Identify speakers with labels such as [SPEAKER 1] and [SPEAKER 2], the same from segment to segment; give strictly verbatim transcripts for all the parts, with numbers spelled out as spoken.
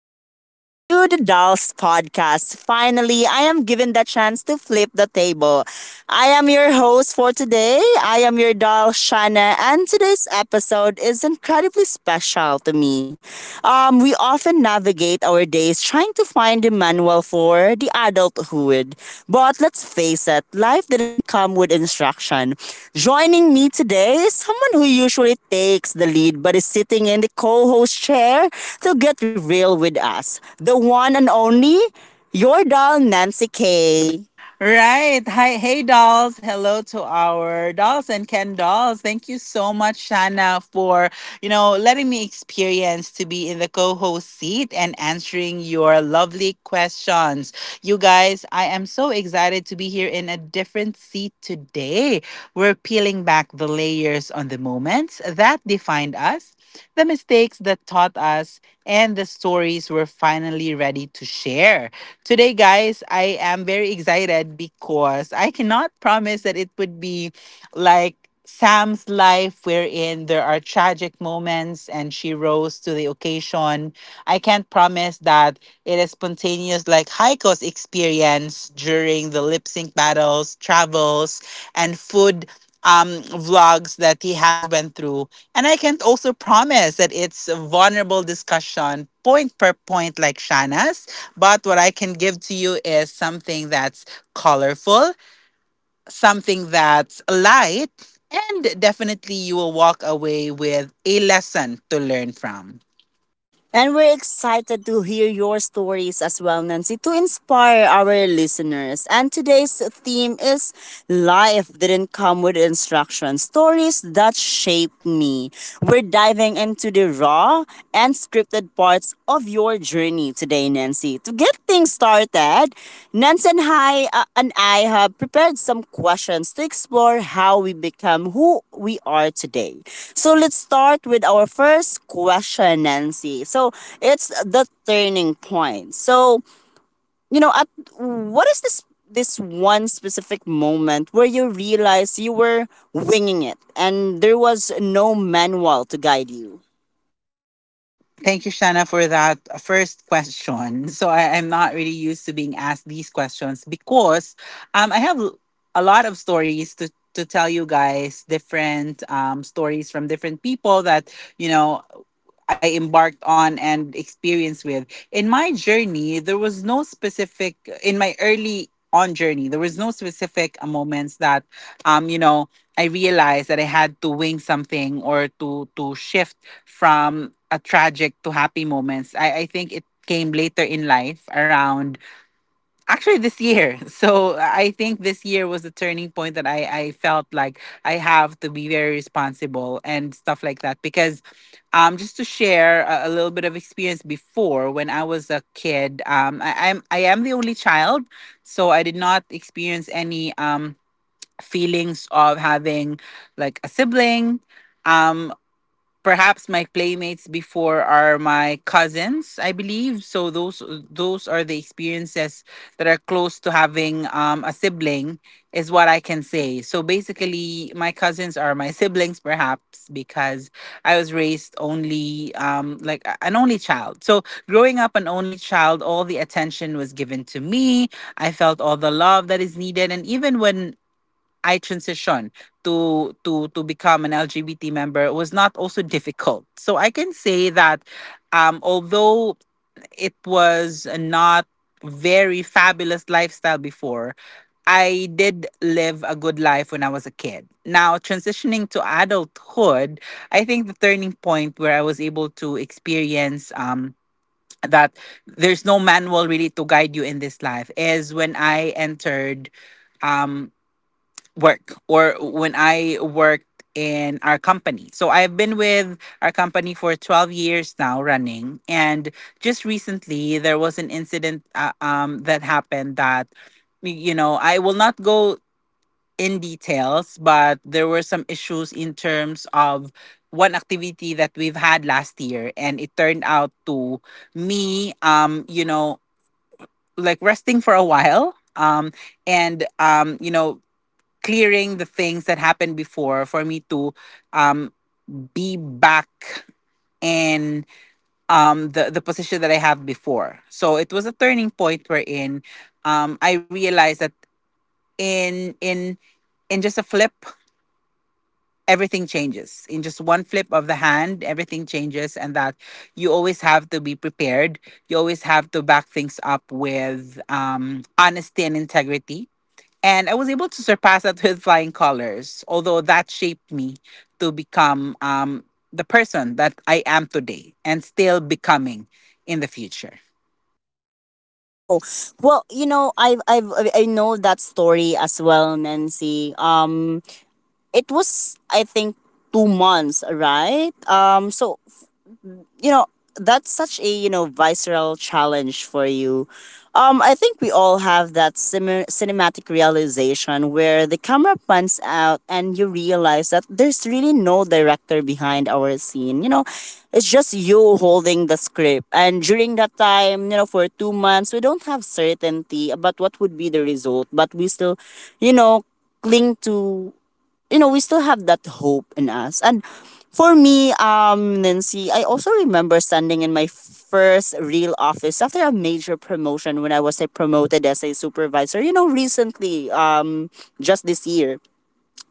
[SPEAKER 1] welcome back to the Dolls Podcast. Finally, I am given the chance to flip the table. I am your host for today. I am your doll, Shana, and today's episode is incredibly special to me. Um, we often navigate navigate our days trying to find the manual for the adulthood. But let's face it, life didn't come with instruction. Joining me today is someone who usually takes the lead but is sitting in the co host chair to get real with us. The one and only, your doll, Nancy K.
[SPEAKER 2] Right. Hi, hey dolls. Hello to our dolls and Ken dolls. Thank you so much, Shana, for you know letting me experience to be in the co-host seat and answering your lovely questions. You guys, I am so excited to be here in a different seat today. We're peeling back the layers on the moments that defined us, the mistakes that taught us, and the stories we're finally ready to share. Today, guys, I am very excited because I cannot promise that it would be like Sam's life, wherein there are tragic moments and she rose to the occasion. I can't promise that it is spontaneous, like Haiko's experience during the lip sync battles, travels, and food um, vlogs that he has went through. And I can also promise that it's a vulnerable discussion, point per point, like Shana's. But what I can give to you is something that's colorful, something that's light, and definitely you will walk away with a lesson to learn from.
[SPEAKER 1] And we're excited to hear your stories as well, Nancy, to inspire our listeners. And today's theme is Life Didn't Come with Instructions, Stories That Shaped Me. We're diving into the raw and scripted parts of your journey me today, Nancy. To get things started, Nancy and I, uh, and I have prepared some questions to explore how we become who we are today. So let's start with our first question, Nancy. So it's the turning point. So, you know, at what is this this one specific moment where you realized you were winging it and there was no manual to guide you?
[SPEAKER 2] Thank you, Shanna, for that first question. So I, I'm not really used to being asked these questions because um, I have a lot of stories to to tell you guys, different um, stories from different people that you know I embarked on and experienced with. In my journey, there was no specific in my early on journey, there was no specific uh, moments that um, you know, I realized that I had to wing something or to to shift from a tragic to happy moments. I, I think it came later in life around actually this year. So I think this year was the turning point that I, I felt like I have to be very responsible and stuff like that. Because um just to share a, a little bit of experience before when I was a kid, um I, I'm I am the only child. So I did not experience any um feelings of having like a sibling. Um Perhaps my playmates before are my cousins, I believe, so those those are the experiences that are close to having um, a sibling is what I can say. So basically my cousins are my siblings perhaps because I was raised only, um, like a- an only child. So growing up an only child, all the attention was given to me. I felt all the love that is needed, and even when I transition to to to become an L G B T member was not also difficult. So I can say that um although it was not very fabulous lifestyle before, I did live a good life when I was a kid. Now, transitioning to adulthood, I think the turning point where I was able to experience, um, that there's no manual really to guide you in this life is when I entered. Um, Work, or when I worked in our company. So I've been with our company for twelve years now running, and just recently there was an incident uh, um that happened that, you know, I will not go in details, but there were some issues in terms of one activity that we've had last year, and it turned out to me, um you know like resting for a while, um and um you know clearing the things that happened before for me to um be back in um the the position that I have before. So it was a turning point wherein um I realized that in in in just a flip everything changes. In just one flip of the hand, everything changes, and that you always have to be prepared. You always have to back things up with, um, honesty and integrity. And I was able to surpass that with flying colors, although that shaped me to become, um, the person that I am today and still becoming in the future.
[SPEAKER 1] Oh, well, you know, I've, I've, I I know that story as well, Nancy. Um, it was, I think, two months, right? Um, so you know that's such a you know visceral challenge for you. um I think we all have that sim cinematic realization where the camera pans out and you realize that there's really no director behind our scene, you know it's just you holding the script, and during that time, you know for two months we don't have certainty about what would be the result, but we still, you know cling to, you know we still have that hope in us. And for me, um Nancy, I also remember standing in my first real office after a major promotion when I was, like, promoted as a supervisor, you know recently, um just this year,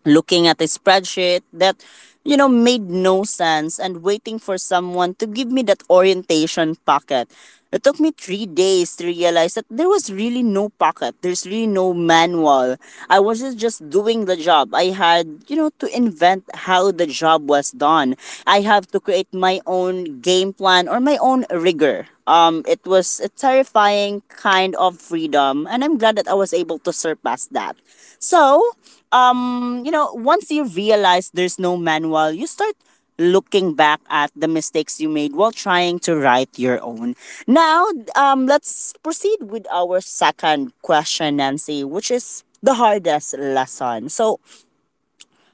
[SPEAKER 1] looking at a spreadsheet that, you know made no sense, and waiting for someone to give me that orientation packet. It took me three days to realize that there was really no packet, there's really no manual. I was just just doing the job. I had, you know to invent how the job was done. I have to create my own game plan or my own rigor. Um, it was a terrifying kind of freedom, and I'm glad that I was able to surpass that. So, um, you know, once you realize there's no manual, you start looking back at the mistakes you made while trying to write your own. Now, um, let's proceed with our second question, Nancy, which is the hardest lesson. So,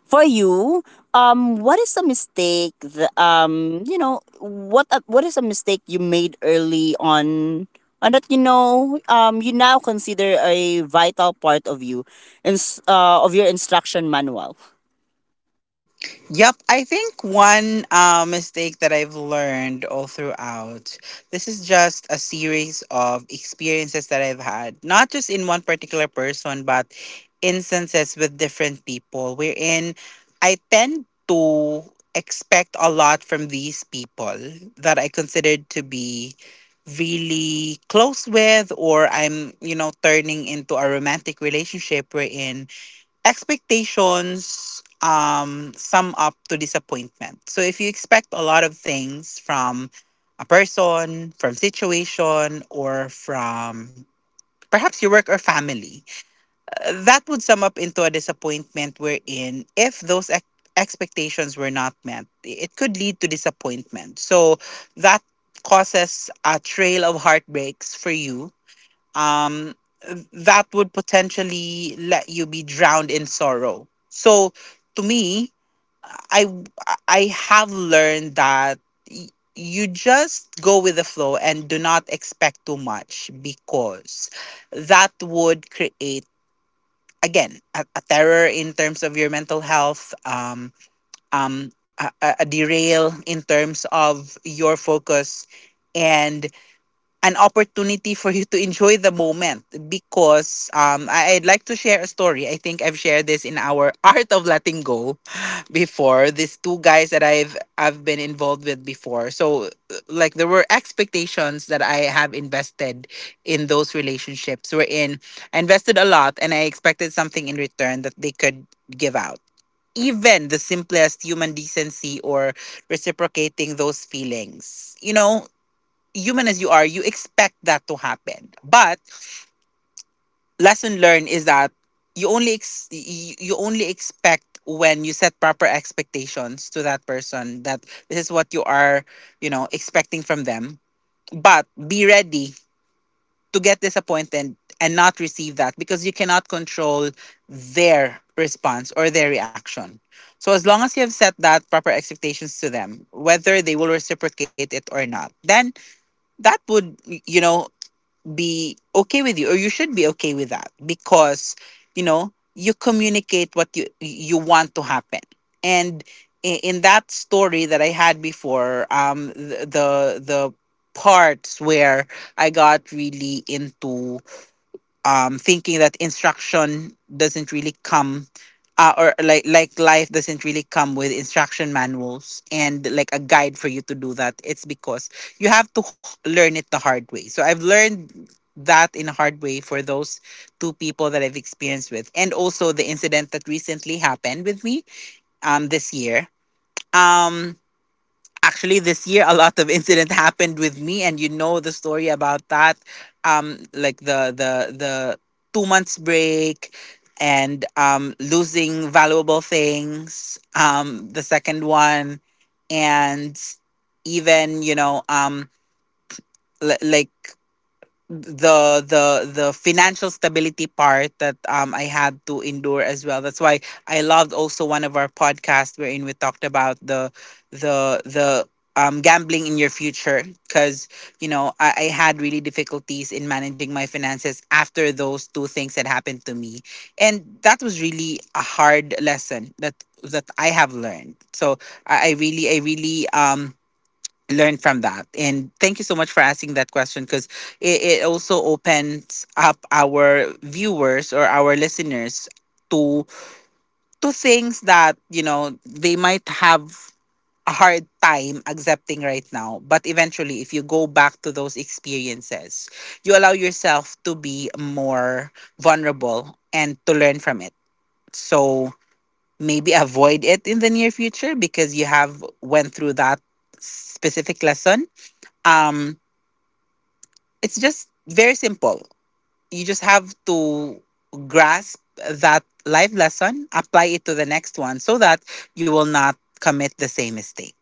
[SPEAKER 1] for you, um, what is a mistake? The, um, you know, what a, what is a mistake you made early on, and that, you know, um, you now consider a vital part of you, in, uh, of your instruction manual.
[SPEAKER 2] Yep, I think one uh, mistake that I've learned all throughout, this is just a series of experiences that I've had, not just in one particular person, but instances with different people, wherein I tend to expect a lot from these people that I considered to be really close with, or I'm, you know, turning into a romantic relationship wherein expectations um sum up to disappointment. So if you expect a lot of things from a person, from situation, or from perhaps your work or family, uh, that would sum up into a disappointment wherein if those ex- expectations were not met, it could lead to disappointment. So that causes a trail of heartbreaks for you, um, that would potentially let you be drowned in sorrow. So to me, I I have learned that y- you just go with the flow and do not expect too much, because that would create again a, a terror in terms of your mental health, um um a, a a derail in terms of your focus, and an opportunity for you to enjoy the moment. Because um I, I'd like to share a story. I think I've shared this in our Art of Letting Go before. These two guys that I've I've been involved with before. So like there were expectations that I have invested in those relationships, were in I invested a lot and I expected something in return that they could give out. Even the simplest human decency or reciprocating those feelings. You know, human as you are, you expect that to happen. But lesson learned is that you only ex- you you only expect when you set proper expectations to that person, that this is what you are, you know, expecting from them. But be ready to get disappointed and not receive that, because you cannot control their response or their reaction. So as long as you have set that proper expectations to them, whether they will reciprocate it or not, then that would, you know, be okay with you, or you should be okay with that, because you know you communicate what you you want to happen. And i- in that story that I had before, um the the, the parts where I got really into, um, thinking that instruction doesn't really come, uh, or like like life doesn't really come with instruction manuals and like a guide for you to do that, it's because you have to h- learn it the hard way. So I've learned that in a hard way for those two people that I've experienced with, and also the incident that recently happened with me um this year. Um Actually this year, a lot of incident happened with me, and you know the story about that, um like the the the two months break, and um losing valuable things, um the second one, and even, you know, um l- like the the the financial stability part that um I had to endure as well. That's why I loved also one of our podcasts wherein we talked about the the the um gambling in your future, because you know I, I had really difficulties in managing my finances after those two things that happened to me. And that was really a hard lesson that that I have learned. So I, I really I really um learn from that, and thank you so much for asking that question, because it, it also opens up our viewers or our listeners to to things that you know they might have a hard time accepting right now, but eventually if you go back to those experiences, you allow yourself to be more vulnerable and to learn from it. So maybe avoid it in the near future because you have went through that specific lesson. Um. It's just very simple. You just have to grasp that life lesson, apply it to the next one so that you will not commit the same mistake.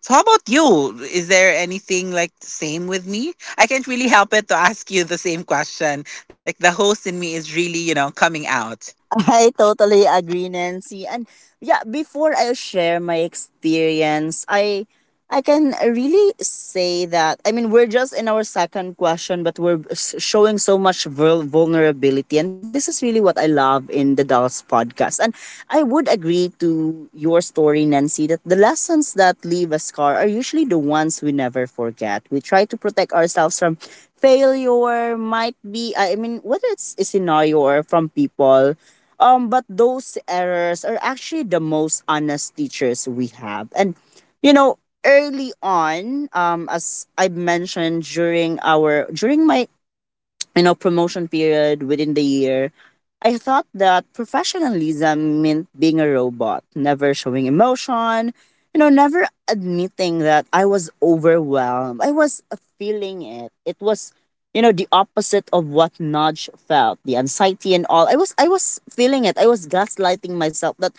[SPEAKER 2] So how about you? Is there anything like same with me? I can't really help it to ask you the same question. Like the host in me is really, you know, coming out.
[SPEAKER 1] I totally agree, Nancy. And yeah, before I share my experience, I I can really say that, I mean, we're just in our second question, but we're s- showing so much vul- vulnerability, and this is really what I love in the Dolls podcast. And I would agree to your story, Nancy, that the lessons that leave a scar are usually the ones we never forget. We try to protect ourselves from failure, might be, i I mean, whether it's a scenario or from people. Um, but those errors are actually the most honest teachers we have. And, you know, early on, um, as I mentioned during our, during my, you know, promotion period within the year, I thought that professionalism meant being a robot, never showing emotion, you know, never admitting that I was overwhelmed. I was feeling it. It was, you know the opposite of what Nudge felt, the anxiety and all. I was I was feeling it. I was gaslighting myself that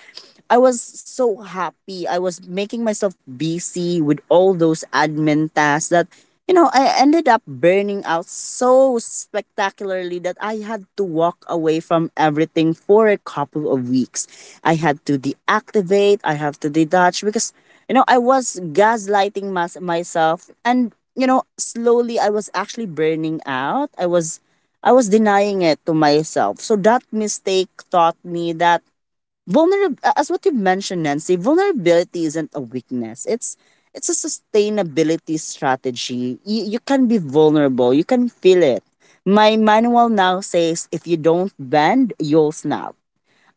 [SPEAKER 1] I was so happy. I was making myself busy with all those admin tasks that, you know, I ended up burning out so spectacularly that I had to walk away from everything for a couple of weeks. I had to deactivate, I have to detach, because you know I was gaslighting mas- myself, and you know slowly I was actually burning out. I was i was denying it to myself. So that mistake taught me that, vulnerable as what you mentioned, Nancy, vulnerability isn't a weakness, it's it's a sustainability strategy. You, you can be vulnerable, you can feel it. My manual now says, if you don't bend, you'll snap.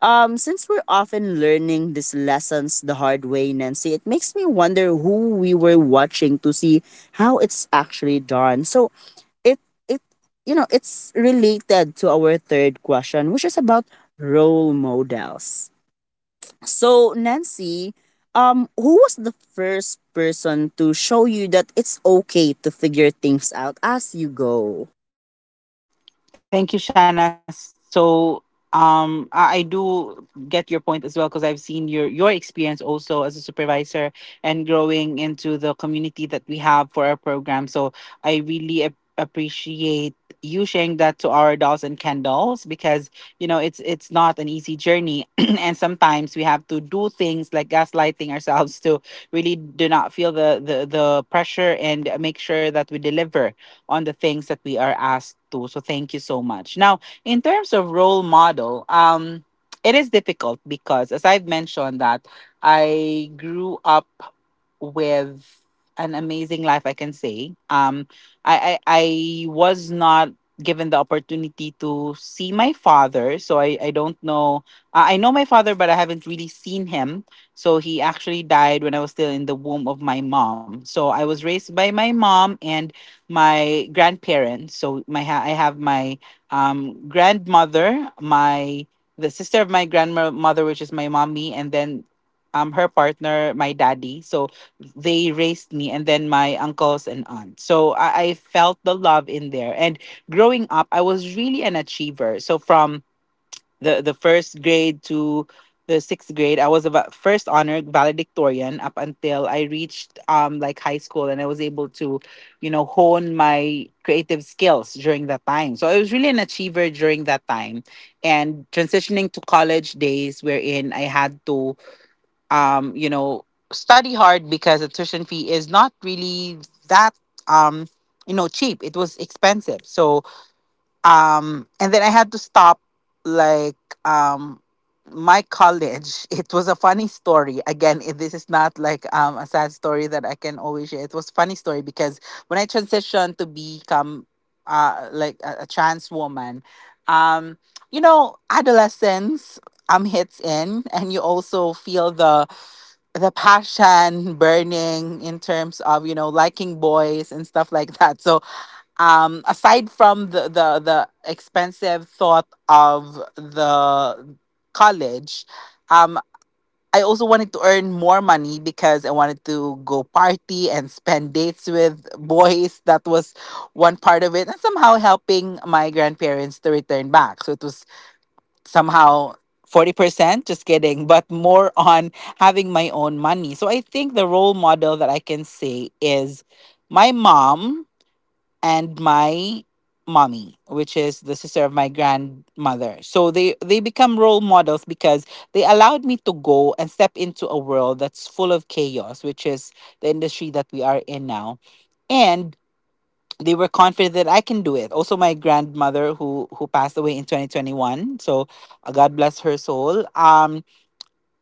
[SPEAKER 1] um, Since we're often learning these lessons the hard way, Nancy, it makes me wonder who we were watching to see how it's actually done. So it it you know it's related to our third question, which is about role models. So Nancy, um, who was the first person to show you that it's okay to figure things out as you go?
[SPEAKER 2] Thank you, Shana. So um I I do get your point as well, because I've seen your your experience also as a supervisor and growing into the community that we have for our program. So I really ap- appreciate you sharing that to our dolls and Ken dolls, because you know it's it's not an easy journey and sometimes we have to do things like gaslighting ourselves to really do not feel the the the pressure and make sure that we deliver on the things that we are asked to. So thank you so much. Now, in terms of role model, um, it is difficult because as I've mentioned that I grew up with an amazing life, I can say. um i i, I was not given the opportunity to see my father, so i i don't know. uh, I know my father, but I haven't really seen him. So he actually died when I was still in the womb of my mom, so I was raised by my mom and my grandparents. So my ha- I have my um grandmother, my the sister of my grandmother, which is my mommy, and then um her partner, my daddy. So they raised me, and then my uncles and aunt. So I, I felt the love in there. And growing up, I was really an achiever. So from the, the first grade to the sixth grade, I was about first honored valedictorian, up until I reached um like high school, and I was able to, you know, hone my creative skills during that time. So I was really an achiever during that time. And transitioning to college days, wherein I had to, um, you know, study hard because the tuition fee is not really that, um, you know, cheap. It was expensive. So um and then I had to stop, like, um my college. It was a funny story again. It, this is not like um a sad story that I can always share. It was funny story because when I transitioned to become, uh like a, a trans woman, um you know, adolescence um hits in, and you also feel the the passion burning in terms of, you know, liking boys and stuff like that. So, um aside from the the the expensive thought of the college, um I also wanted to earn more money because I wanted to go party and spend dates with boys. That was one part of it, and somehow helping my grandparents to return back. So it was somehow forty percent, just kidding, but more on having my own money. So I think the role model that I can say is my mom, and my mommy, which is the sister of my grandmother. So they they become role models because they allowed me to go and step into a world that's full of chaos, which is the industry that we are in now. And they were confident that I can do it. Also my grandmother, who who passed away in twenty twenty-one, so uh, god bless her soul. um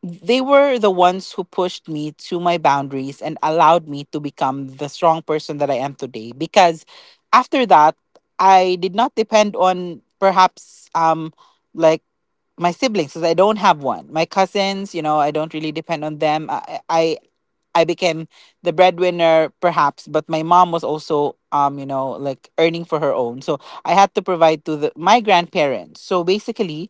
[SPEAKER 2] They were the ones who pushed me to my boundaries and allowed me to become the strong person that I am today. Because after that, I did not depend on, perhaps, um like my siblings, because I don't have one. My cousins, you know, I don't really depend on them. I, I I became the breadwinner, perhaps, but my mom was also, um, you know, like earning for her own. So I had to provide to the, my grandparents. So basically,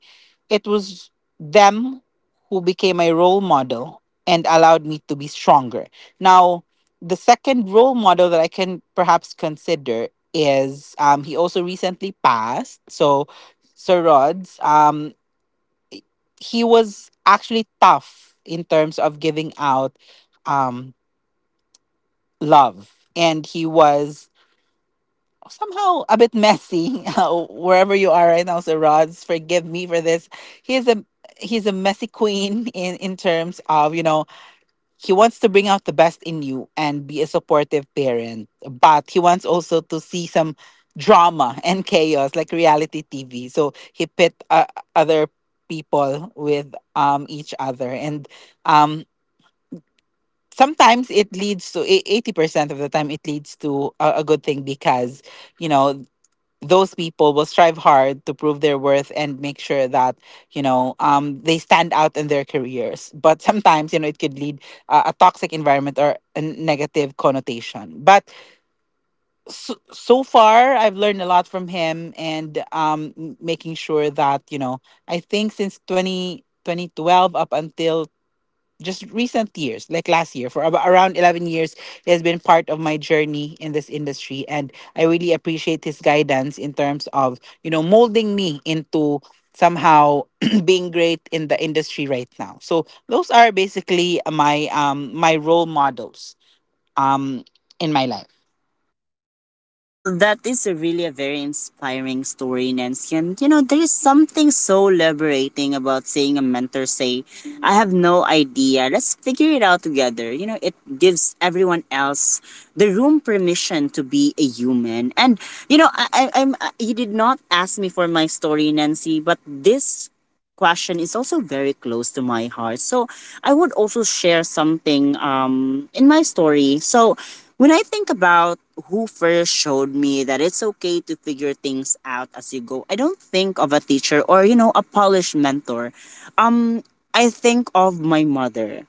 [SPEAKER 2] it was them who became my role model and allowed me to be stronger. Now, the second role model that I can perhaps consider is, um, he also recently passed. So Sir Rods, um, he was actually tough in terms of giving out Um, love. And he was somehow a bit messy. Uh, wherever you are right now, so Rods, forgive me for this. He is a he's a messy queen in, in terms of, you know, he wants to bring out the best in you and be a supportive parent. But he wants also to see some drama and chaos, like reality T V. So he pit, uh, other people with, um each other. And um sometimes it leads to, eh, eighty percent of the time it leads to a, a good thing, because, you know, those people will strive hard to prove their worth and make sure that, you know, um, they stand out in their careers. But sometimes, you know, it could lead uh, a toxic environment or a negative connotation. But, so, so far I've learned a lot from him, and, um, m- making sure that, you know, I think since twenty twenty twelve up until just recent years, like last year, for ab- around eleven years, he has been part of my journey in this industry. And I really appreciate his guidance in terms of, you know, molding me into somehow being great in the industry right now. So those are basically my um my role models um in my life.
[SPEAKER 1] Well, that is a really a very inspiring story, Nancy. And you know, there is something so liberating about seeing a mentor say, I have no idea. Let's figure it out together. You know, it gives everyone else the room permission to be a human. And you know, I, I I'm I, you did not ask me for my story, Nancy, but this question is also very close to my heart. So I would also share something, um, in my story. So when I think about who first showed me that it's okay to figure things out as you go, I don't think of a teacher or, you know, a polished mentor. Um, I think of my mother.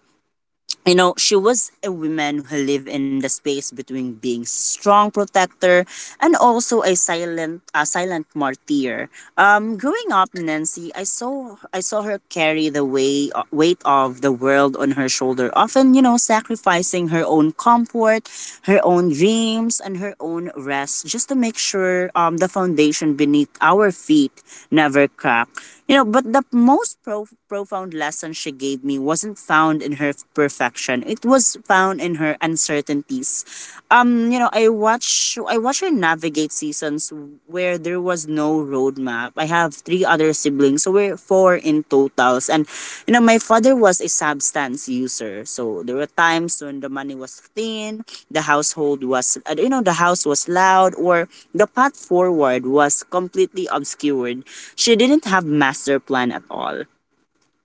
[SPEAKER 1] You know, she was a woman who lived in the space between being strong protector and also a silent, a silent martyr. Um, growing up, Nancy, I saw, I saw her carry the way, weight of the world on her shoulder, often, you know, sacrificing her own comfort, her own dreams, and her own rest, just to make sure um the foundation beneath our feet never cracked. You know, but the most pro- profound lesson she gave made me wasn't found in her perfection. It was found in her uncertainties. Um, you know, I watch I watch her navigate seasons where there was no roadmap. I have three other siblings, so we're four in totals. And you know, my father was a substance user, so there were times when the money was thin, the household was uh, you know the house was loud, or the path forward was completely obscured. She didn't have master plan at all,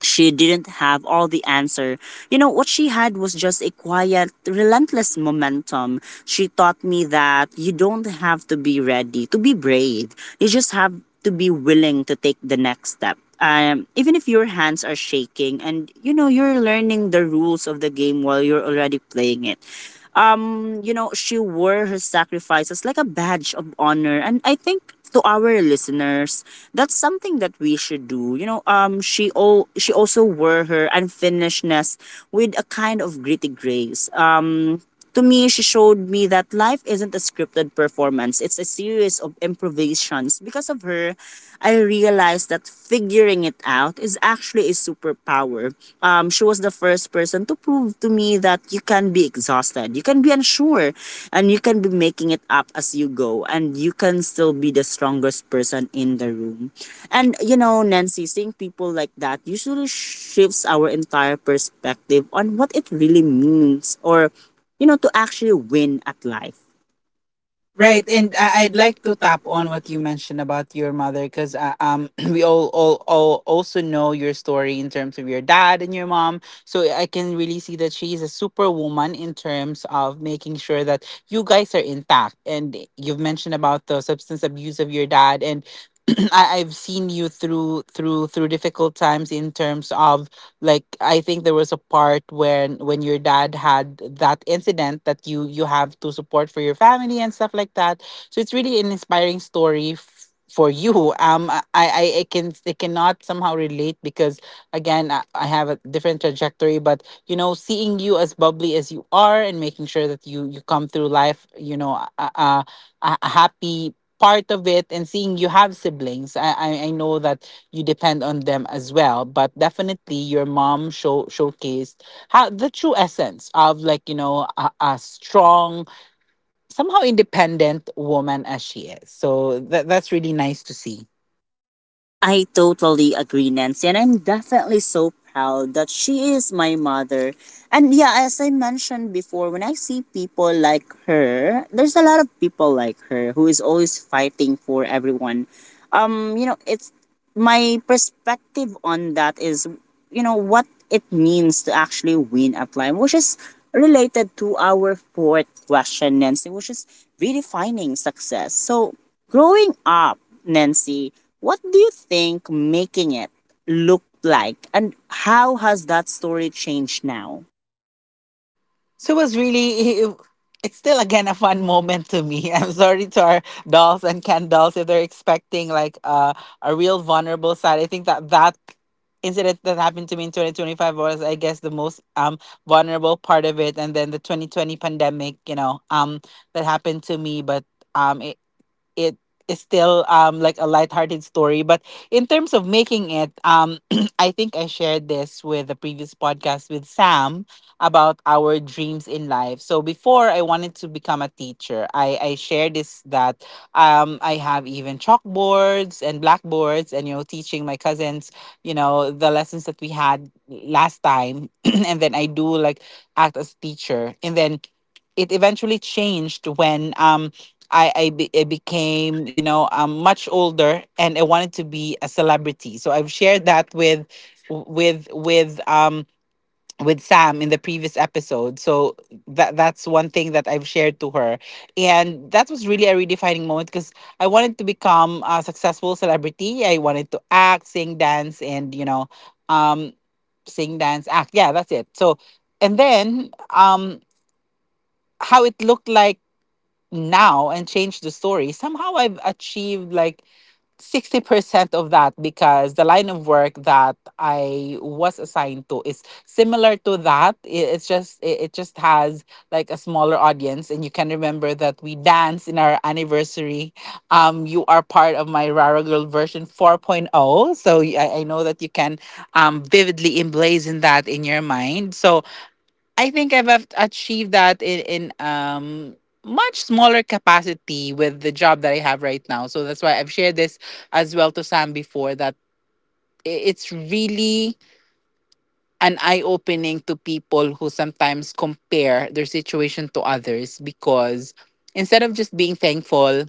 [SPEAKER 1] she didn't have all the answer. You know, what she had was just a quiet, relentless momentum. She taught me that you don't have to be ready to be brave. You just have to be willing to take the next step. Um, even if your hands are shaking, and you know you're learning the rules of the game while you're already playing it. Um, you know, she wore her sacrifices like a badge of honor. And I think to our listeners, that's something that we should do. You know, um, she all she also wore her unfinishedness with a kind of gritty grace. Um, to me, she showed me that life isn't a scripted performance, it's a series of improvisations. Because of her, I realized that figuring it out is actually a superpower. Um, she was the first person to prove to me that you can be exhausted, you can be unsure, and you can be making it up as you go, and you can still be the strongest person in the room. And you know, Nancy, seeing people like that usually shifts our entire perspective on what it really means, or you know, to actually win at life.
[SPEAKER 2] Right, and I- I'd like to tap
[SPEAKER 1] On
[SPEAKER 2] on
[SPEAKER 1] what
[SPEAKER 2] what you mentioned about your mother, because, uh, um, we all, all all also know your story in terms of your dad and your mom. So I can really see that she is a superwoman in terms of making sure that you guys are intact. And you've mentioned about the substance abuse of your dad, and I, I've seen you through through through difficult times in terms of, like, I think there was a part when when your dad had that incident, that you you have to support for your family and stuff like that. So it's really an inspiring story f- for you. um i i I can, I cannot somehow relate because, again, I, I have a different trajectory. But, you know, seeing you as bubbly as you are, and making sure that you you come through life, you know, a, a, a a happy part of it, and seeing you have siblings, I, I I know that you depend on them as well. But definitely, your mom show showcased how the true essence of, like, you know, a, a strong, somehow independent woman as she is. So that that's really nice to see.
[SPEAKER 1] I totally agree, Nancy, and I'm definitely so proud that she is my mother. And yeah, as I mentioned before, when I see people like her, there's a lot of people like her who is always fighting for everyone. Um, you know, it's my perspective on that is, you know, what it means to actually win at life, which is related to our fourth question, Nancy, which is redefining success. So growing up, Nancy, what do you think making it looked like, and how has that story changed now?
[SPEAKER 2] So it was really, it- it's still, again, a fun moment to me. I'm sorry to our dolls and Ken dolls if they're expecting like, uh, a real vulnerable side. I think that that incident that happened to me in twenty twenty-five was, I guess, the most um vulnerable part of it. And then the twenty twenty pandemic, you know, um, that happened to me, but Um, it it is still um like a lighthearted story. But in terms of making it, um I think I shared this with the previous podcast with Sam about our dreams in life. So before I wanted to become a teacher. I I shared this, that um I have even chalkboards and blackboards, and, you know, teaching my cousins, you know, the lessons that we had last time. And then I do like act as teacher, and then it eventually changed when, um I I, be, I became, you know, um, much older, and I wanted to be a celebrity. So I've shared that with, with with um with Sam in the previous episode. So that that's one thing that I've shared to her, and that was really a redefining moment because I wanted to become a successful celebrity. I wanted to act, sing, dance, and, you know, um, sing, dance, act. Yeah, that's it. So, and then, um, how it looked like now and change the story. Somehow I've achieved like sixty percent of that, because the line of work that I was assigned to is similar to that. I- it's just, it it just has like a smaller audience. And you can remember that we dance in our anniversary, um you are part of my rara girl version 4.0. So y- i, I know that you can um vividly emblazon that in your mind. So I think I've av- achieved that in, in um much smaller capacity with the job that I have right now. So that's why I've shared this as well to Sam before, that i- it's really an eye opening to people who sometimes compare their situation to others, because instead of just being thankful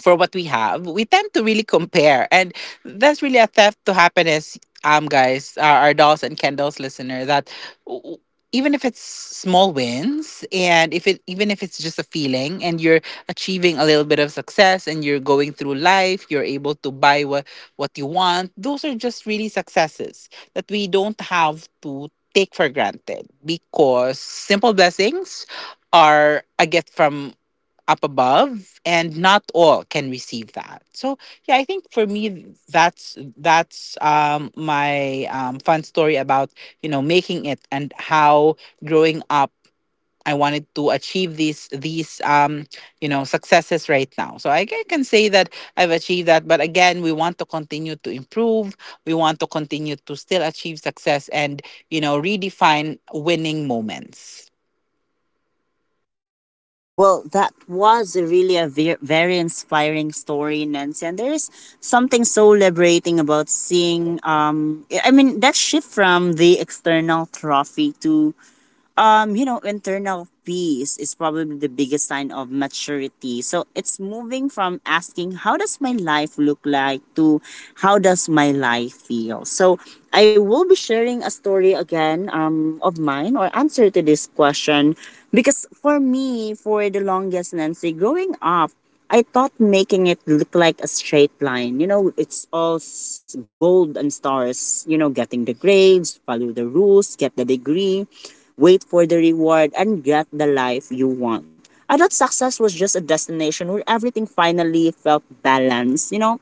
[SPEAKER 2] for what we have, we tend to really compare. And that's really a theft to happiness, um, guys, our, our dolls and Kendall's listener, that, w- w- even if it's small wins, and if it, even if it's just a feeling, and you're achieving a little bit of success, and you're going through life, you're able to buy what what you want, those are just really successes that we don't have to take for granted, because simple blessings are a gift from up above, and not all can receive that. So, yeah, I think for me, that's that's um my um fun story about, you know, making it, and how growing up I wanted to achieve these these um you know, successes right now. So i ca- can say that I've achieved that. But again, we want to continue to improve, we want to continue to still achieve success, and, you know, redefine winning moments.
[SPEAKER 1] Well, that was really a ve- very inspiring story, Nancy. And there is something so liberating about seeing, um, I mean, that shift from the external trophy to, Um, you know, internal peace is probably the biggest sign of maturity. So it's moving from asking, how does my life look like, to how does my life feel? So I will be sharing a story again, um, of mine or answer to this question. Because for me, for the longest, Nancy, growing up, I thought making it look like a straight line. You know, it's all s- gold and stars, you know, getting the grades, follow the rules, get the degree, wait for the reward, and get the life you want. I thought success was just a destination where everything finally felt balanced, you know,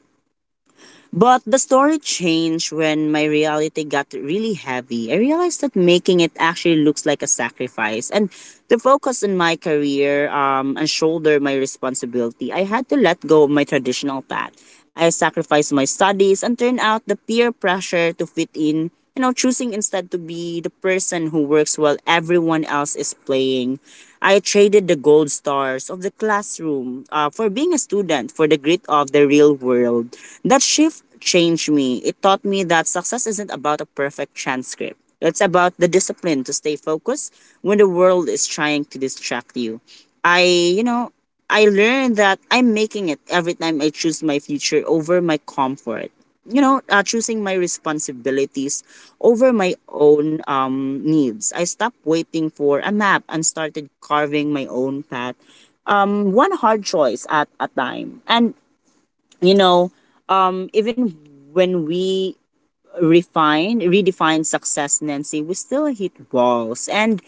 [SPEAKER 1] but the story changed when my reality got really heavy. I realized that making it actually looks like a sacrifice. And the focus on my career, um, and shoulder my responsibility, I had to let go of my traditional path. I sacrificed my studies and turned out the peer pressure to fit in, you know, choosing instead to be the person who works while everyone else is playing. I traded the gold stars of the classroom uh, for being a student for the grit of the real world. That shift changed me. It taught me that success isn't about a perfect transcript. It's about the discipline to stay focused when the world is trying to distract you. I, you know, I learned that I'm making it every time I choose my future over my comfort. You know, uh, choosing my responsibilities over my own um, needs. I stopped waiting for a map and started carving my own path, um, one hard choice at a time. And, you know, um, Even when we refine, redefine success, Nancy, we still hit walls. And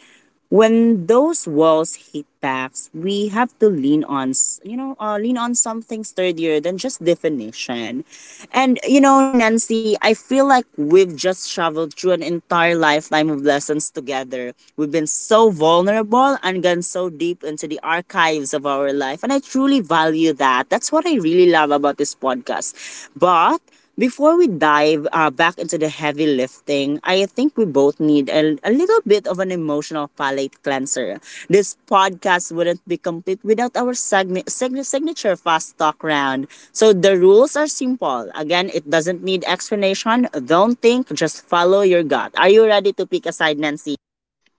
[SPEAKER 1] when those walls hit back, we have to lean on, s- you know, uh, lean on something sturdier than just definition. And, you know, Nancy, I feel like we've just traveled through an entire lifetime of lessons together. We've been so vulnerable and gone so deep into the archives of our life. And I truly value that. That's what I really love about this podcast. But before we dive uh, back into the heavy lifting, I think we both need a, a little bit of an emotional palate cleanser. This podcast wouldn't be complete without our segni- sign- signature fast talk round. So the rules are simple. Again, it doesn't need explanation. Don't think, just follow your gut. Are you ready to pick a side, Nancy?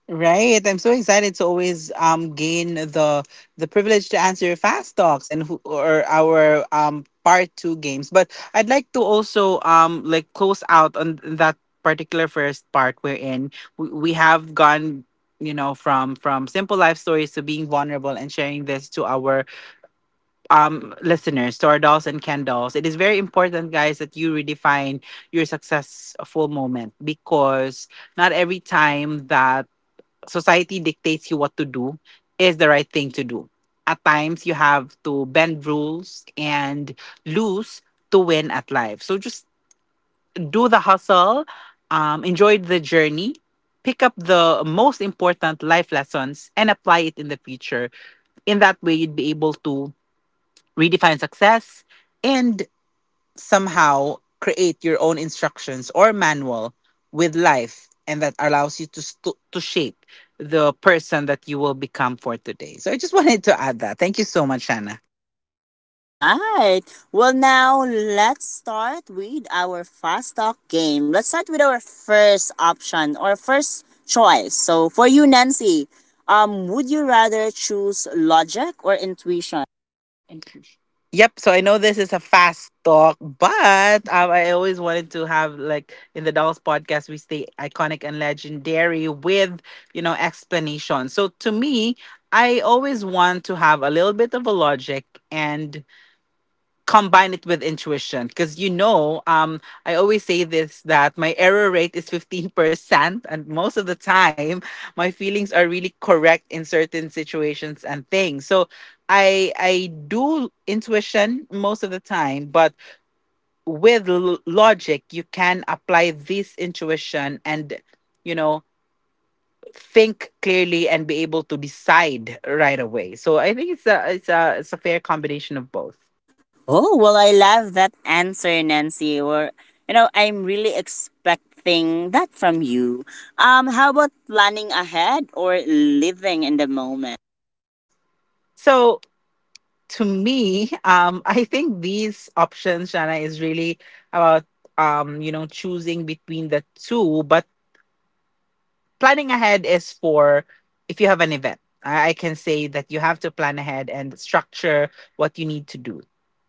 [SPEAKER 2] Right. I'm so excited to always um gain the the privilege to answer your fast talks and who, or our um part two games. But I'd like to also um like close out on that particular first part we're in. We, we have gone, you know, from from simple life stories to being vulnerable and sharing this to our um listeners, to our dolls and Ken dolls. It is very important, guys, that you redefine your successful moment, because not every time that society dictates you what to do is the right thing to do. At times, you have to bend rules and lose to win at life. So just do the hustle, um, enjoy the journey, pick up the most important life lessons, and apply it in the future. In that way, you'd be able to redefine success and somehow create your own instructions or manual with life, and that allows you to st- to shape the person that you will become for today. So I just wanted to add that. Thank you so much, Hannah.
[SPEAKER 1] All right. Well, now let's start with our fast talk game. Let's start with our first option or first choice. So, for you, Nancy, um, would you rather choose logic or intuition?
[SPEAKER 2] Thank you. Yep. So I know this is a fast talk, but um, I always wanted to have, like, in the Dolls podcast, we stay iconic and legendary with, you know, explanation. So to me, I always want to have a little bit of a logic and. Combine it with intuition because, you know, um I always say this, that my error rate is fifteen percent, and most of the time my feelings are really correct in certain situations and things. So i i do intuition most of the time, but with l- logic you can apply this intuition and, you know, think clearly and be able to decide right away. So I think it's a it's a it's a fair combination of both.
[SPEAKER 1] Oh, well, I love that answer, Nancy. Or, you know, I'm really expecting that from you. Um, how about planning ahead or living in the moment?
[SPEAKER 2] So to me, um, I think these options, Shana, is really about, um, you know, choosing between the two. But planning ahead is for if you have an event. I I can say that you have to plan ahead and structure what you need to do.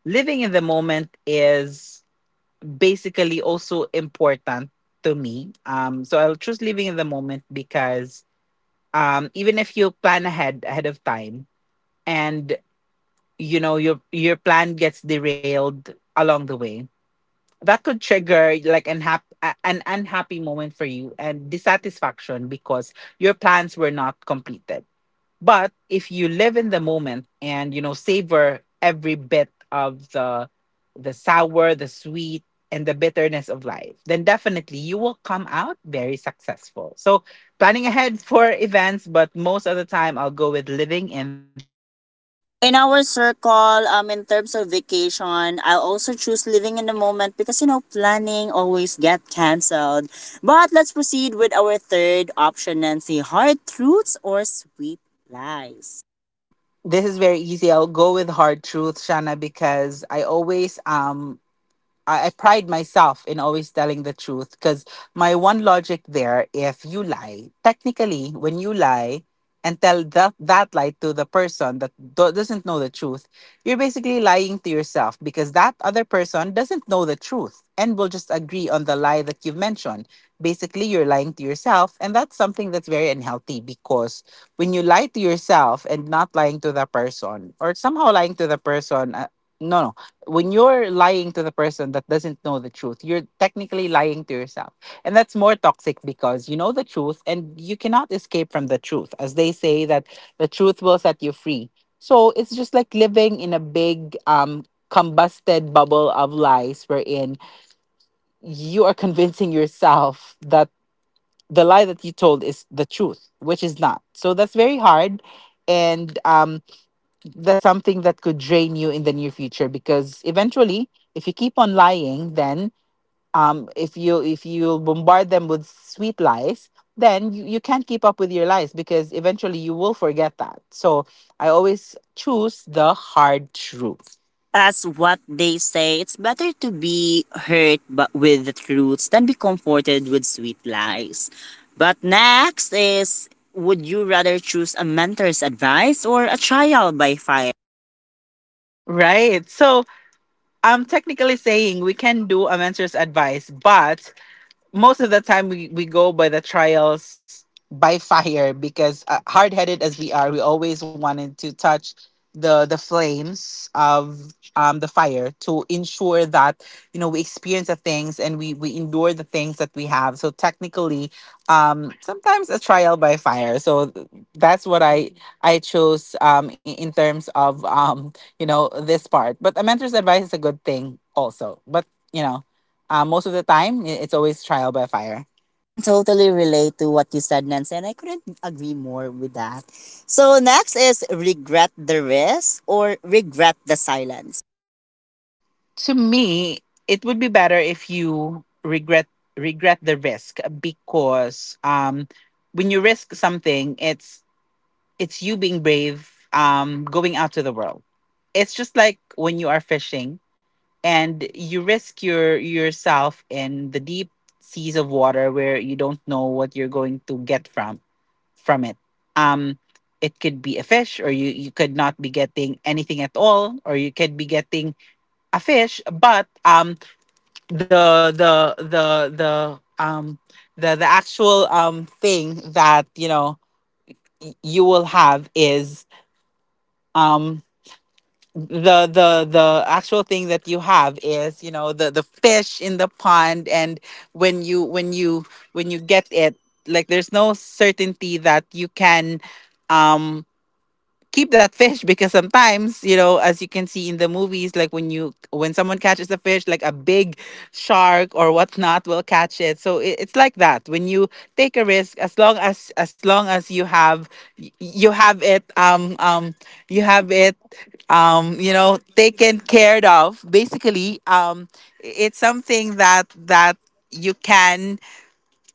[SPEAKER 2] Living in the moment is basically also important to me. Um, so I'll choose living in the moment because, um, even if you plan ahead ahead of time and, you know, your your plan gets derailed along the way, that could trigger like an hap- a- an unhappy moment for you and dissatisfaction because your plans were not completed. But if you live in the moment and, you know, savor every bit of the the sour, the sweet, and the bitterness of life, then definitely you will come out very successful. So planning ahead for events, but most of the time I'll go with living in the moment.
[SPEAKER 1] In our circle, um, in terms of vacation, I'll also choose living in the moment because you know planning always get cancelled. But let's proceed with our third option, Nancy: hard truths or sweet lies.
[SPEAKER 2] This is very easy. I'll go with hard truth, Shana, because I always um I, I pride myself in always telling the truth, because my one logic there, if you lie, technically, when you lie and tell that, that lie to the person that do- doesn't know the truth, you're basically lying to yourself, because that other person doesn't know the truth and will just agree on the lie that you've mentioned. Basically, you're lying to yourself, and that's something that's very unhealthy, because when you lie to yourself and not lying to the person, or somehow lying to the person, uh, no, no, when you're lying to the person that doesn't know the truth, you're technically lying to yourself. And that's more toxic because you know the truth and you cannot escape from the truth. As they say, that the truth will set you free. So it's just like living in a big um combusted bubble of lies, wherein you are convincing yourself that the lie that you told is the truth, which is not. So that's very hard. And um that's something that could drain you in the near future, because eventually, if you keep on lying, then um if you if you bombard them with sweet lies, then you, you can't keep up with your lies, because eventually you will forget that. So I always choose the hard truth.
[SPEAKER 1] As what they say, it's better to be hurt but with the truths than be comforted with sweet lies. But next is, would you rather choose a mentor's advice or a trial by fire?
[SPEAKER 2] Right. So I'm technically saying we can do a mentor's advice, but most of the time we, we go by the trials by fire, because uh, hard-headed as we are, we always wanted to touch the the flames of um the fire to ensure that, you know, we experience the things and we we endure the things that we have. So technically, um sometimes a trial by fire. So th- that's what i i chose, um in, in terms of, um you know, this part. But a mentor's advice is a good thing also, but, you know. Uh, most of the time, i- it's always trial by fire.
[SPEAKER 1] I can totally relate to what you said, Nancy, and I couldn't agree more with that. So next is regret the risk or regret the silence.
[SPEAKER 2] To me, it would be better if you regret regret the risk, uh, because, um, when you risk something, it's it's you being brave, um, going out to the world. It's just like when you are fishing and you risk your yourself in the deep seas of water, where you don't know what you're going to get from from it. Um, it could be a fish, or you you could not be getting anything at all, or you could be getting a fish. But um, the the the the um the the actual um thing that, you know, y- you will have is um the the the actual thing that you have is, you know, the the fish in the pond. And when you when you when you get it, like, there's no certainty that you can, um, keep that fish. Because sometimes, you know, as you can see in the movies, like when you when someone catches a fish, like a big shark or whatnot will catch it. So it, it's like that. When you take a risk, as long as as long as you have y- you have it, um um you have it, um you know, taken cared of. Basically, um it's something that that you can,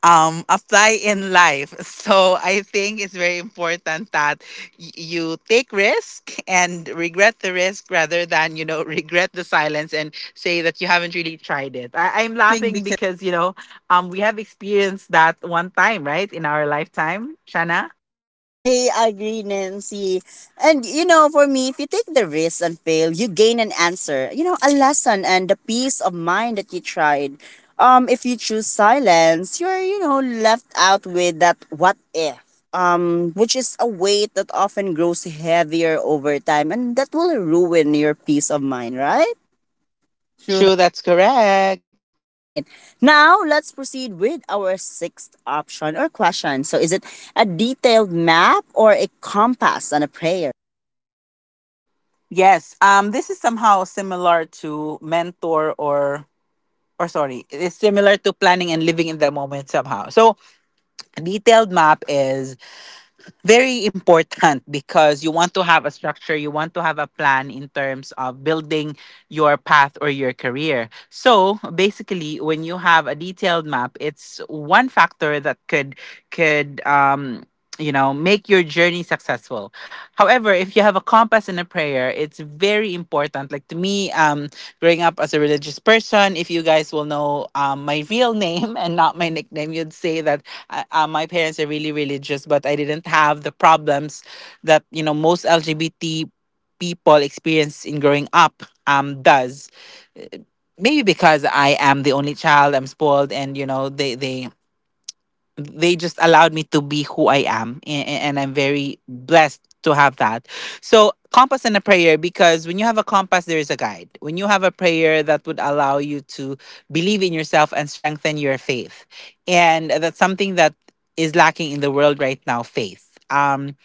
[SPEAKER 2] um, apply in life. So I think it's very important that y- you take risk and regret the risk, rather than, you know, regret the silence and say that you haven't really tried it.
[SPEAKER 1] I'm
[SPEAKER 2] I- I'm
[SPEAKER 1] laughing
[SPEAKER 2] laughing
[SPEAKER 1] because
[SPEAKER 2] because, you know, um, we have experienced that one time, right, in our lifetime, Shana.
[SPEAKER 1] I agree, Nancy. And you know, for me, if you take the risk and fail, you gain an answer, you know, a lesson and the peace of mind that you tried. Um, if you choose silence, you're, you know, left out with that what if. Um, which is a weight that often grows heavier over time and that will ruin your peace of mind, right?
[SPEAKER 2] True, that's correct.
[SPEAKER 1] All right. Now let's proceed with our sixth option or question. So is it a detailed map or a compass and a prayer?
[SPEAKER 2] Yes. Um, this is somehow similar to mentor or or sorry, it is similar to planning and living in the moment somehow. So a detailed map is very important because you want to have a structure, you want to have a plan in terms of building your path or your career. So basically, when you have a detailed map, it's one factor that could could, um, you know, make your journey successful. However, if you have a compass and a prayer, it's very important. Like to me, um, growing up as a religious person, if you guys will know, um, my real name and not my nickname, you'd say that I, uh, my parents are really religious, but I didn't have the problems that, you know, most L G B T people experience in growing up um does. Uh, Maybe because I am the only child, I'm spoiled, and, you know, they they they just allowed me to be who I am, and, and I'm very blessed to have that. So compass and a prayer, because when you have a compass, there is a guide. When you have a prayer, that would allow you to believe in yourself and strengthen your faith. And that's something that is lacking in the world right now, faith. um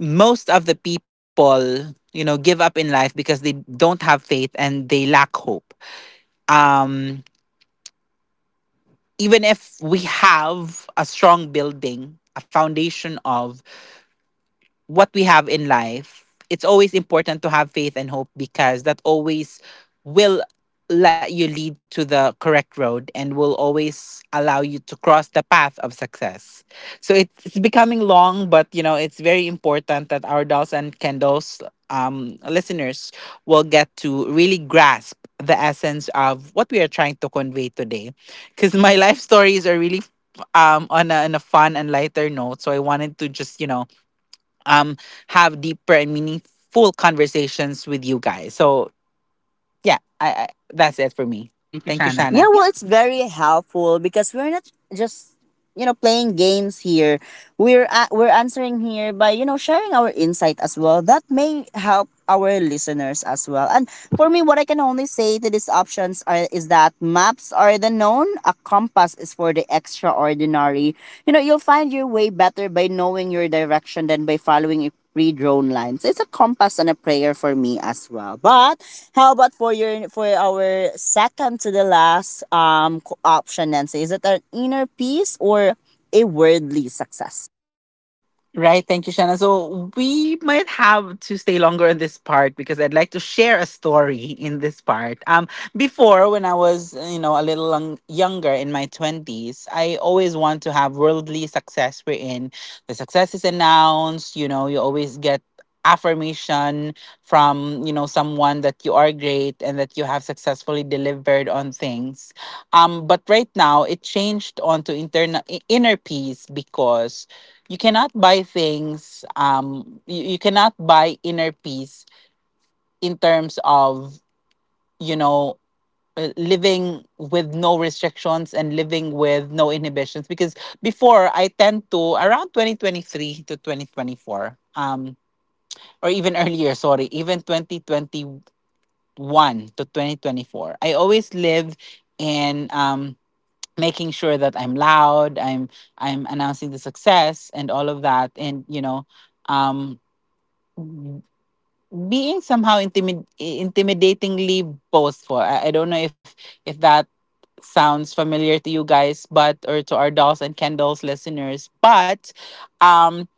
[SPEAKER 2] Most of the people, you know, give up in life because they don't have faith and they lack hope. um Even if we have a strong building, a foundation of what we have in life, it's always important to have faith and hope, because that always will let you lead to the correct road and will always allow you to cross the path of success. So it's, it's becoming long, but, you know, it's very important that our dolls and candles, um, listeners will get to really grasp the essence of what we are trying to convey today. Because my life stories are really, um on a, on a fun and lighter note. So I wanted to just, you know, um have deeper and meaningful conversations with you guys. So yeah, I, I that's it for me. Thank you,
[SPEAKER 1] Hannah.
[SPEAKER 2] Shanna.
[SPEAKER 1] Yeah, well, it's very helpful because we're not just you know playing games here. We're a we're answering here by you know sharing our insight as well. That may help our listeners as well. And for me, what I can only say to these options are is that maps are the known, a compass is for the extraordinary. You know, you'll find your way better by knowing your direction than by following it redrawn lines. It's a compass and a prayer for me as well. But how about for your for our second to the last um co- option, Nancy? Is it an inner peace or a worldly success?
[SPEAKER 2] Right. Thank you, Shanna. So we might have to stay longer in this part because I'd like to share a story in this part. Um, before, when I was, you know, a little lung- younger in my twenties, I always want to have worldly success, wherein the success is announced. You know, you always get affirmation from, you know, someone that you are great and that you have successfully delivered on things. Um but right now it changed onto internal inner peace, because you cannot buy things. um you, you cannot buy inner peace in terms of, you know, uh, living with no restrictions and living with no inhibitions. Because before, I tend to, around twenty twenty-three to twenty twenty-four, um or even earlier, sorry, even twenty twenty-one to twenty twenty-four, I always live in, um making sure that I'm loud, i'm I'm announcing the success and all of that. And, you know, um being somehow intimid- intimidatingly boastful. I, I don't know if if that sounds familiar to you guys, but or to our dolls and candles listeners, but um,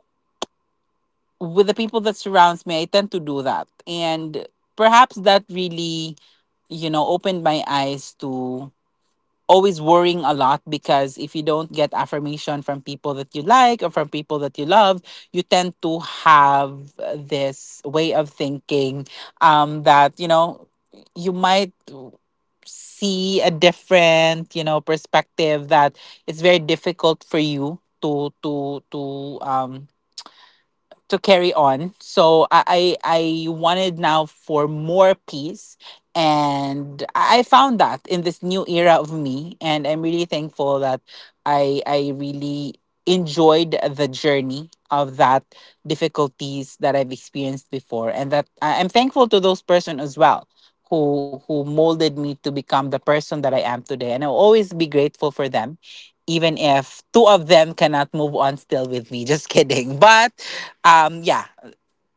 [SPEAKER 2] with the people that surrounds me, I tend to do that, and perhaps that really, you know, opened my eyes to always worrying a lot because if you don't get affirmation from people that you like or from people that you love, you tend to have this way of thinking um, that, you know, you might see a different, you know, perspective that it's very difficult for you to to to um to carry on. So I I I wanted now for more peace, and I I found that in this new era of me, and I'm really thankful that I I really enjoyed the journey of that difficulties that I've experienced before, and that I- I'm thankful to those person as well who who molded me to become the person that I am today, and I'll always be grateful for them even if two of them cannot move on still with me. Just kidding. But um yeah,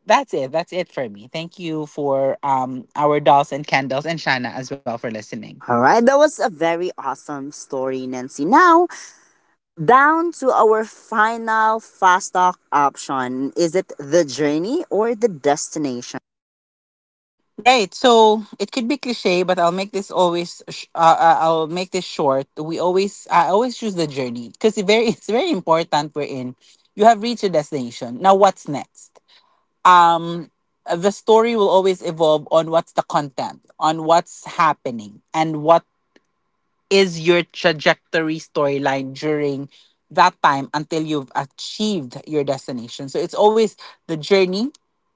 [SPEAKER 2] that's it that's it for me. Thank you for um our dolls and candles, and shana as well, for listening.
[SPEAKER 1] All right, that was a very awesome story, Nancy. Now, down to our final fast talk option. Is it the journey or the destination?
[SPEAKER 2] Right, so it could be cliche, but I'll make this always sh- uh, uh, I'll make this short. We always, I always choose the journey because it very it's very important. We're in, you have reached your destination, now what's next? um the story will always evolve on what's the content, on what's happening, and what is your trajectory storyline during that time until you've achieved your destination. So it's always the journey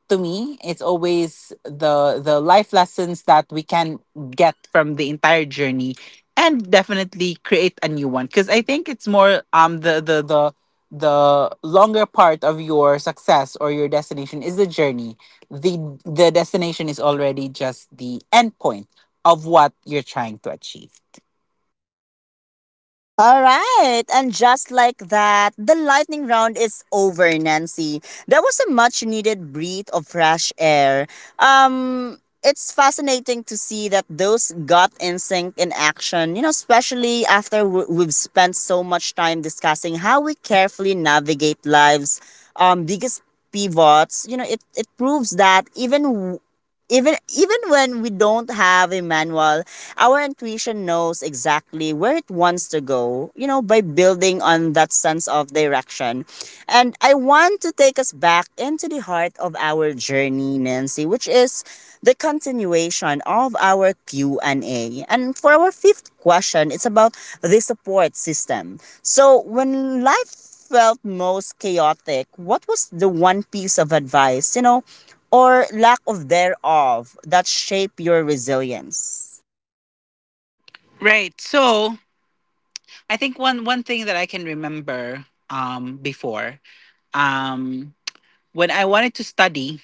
[SPEAKER 2] to me. It's always the the life lessons that we can get from the entire journey and definitely create a new one. Cause I think it's more um the the the the longer part of your success or your destination is the journey. The the destination is already just the end point of what you're trying to achieve.
[SPEAKER 1] All right, and just like that, the lightning round is over, Nancy. That was a much needed breath of fresh air. Um, it's fascinating to see that those gut instinct in action, you know, especially after w- we've spent so much time discussing how we carefully navigate lives, um, biggest pivots, you know, it, it proves that even even even when we don't have a manual, our intuition knows exactly where it wants to go. You know, by building on that sense of direction, and I want to take us back into the heart of our journey, Nancy, which is the continuation of our Q and A. And A. And for our fifth question, it's about the support system. So when life felt most chaotic, what was the one piece of advice, you know, or lack of thereof that shaped your resilience?
[SPEAKER 2] Right. So I think one one thing that I can remember um before, um when I wanted to study,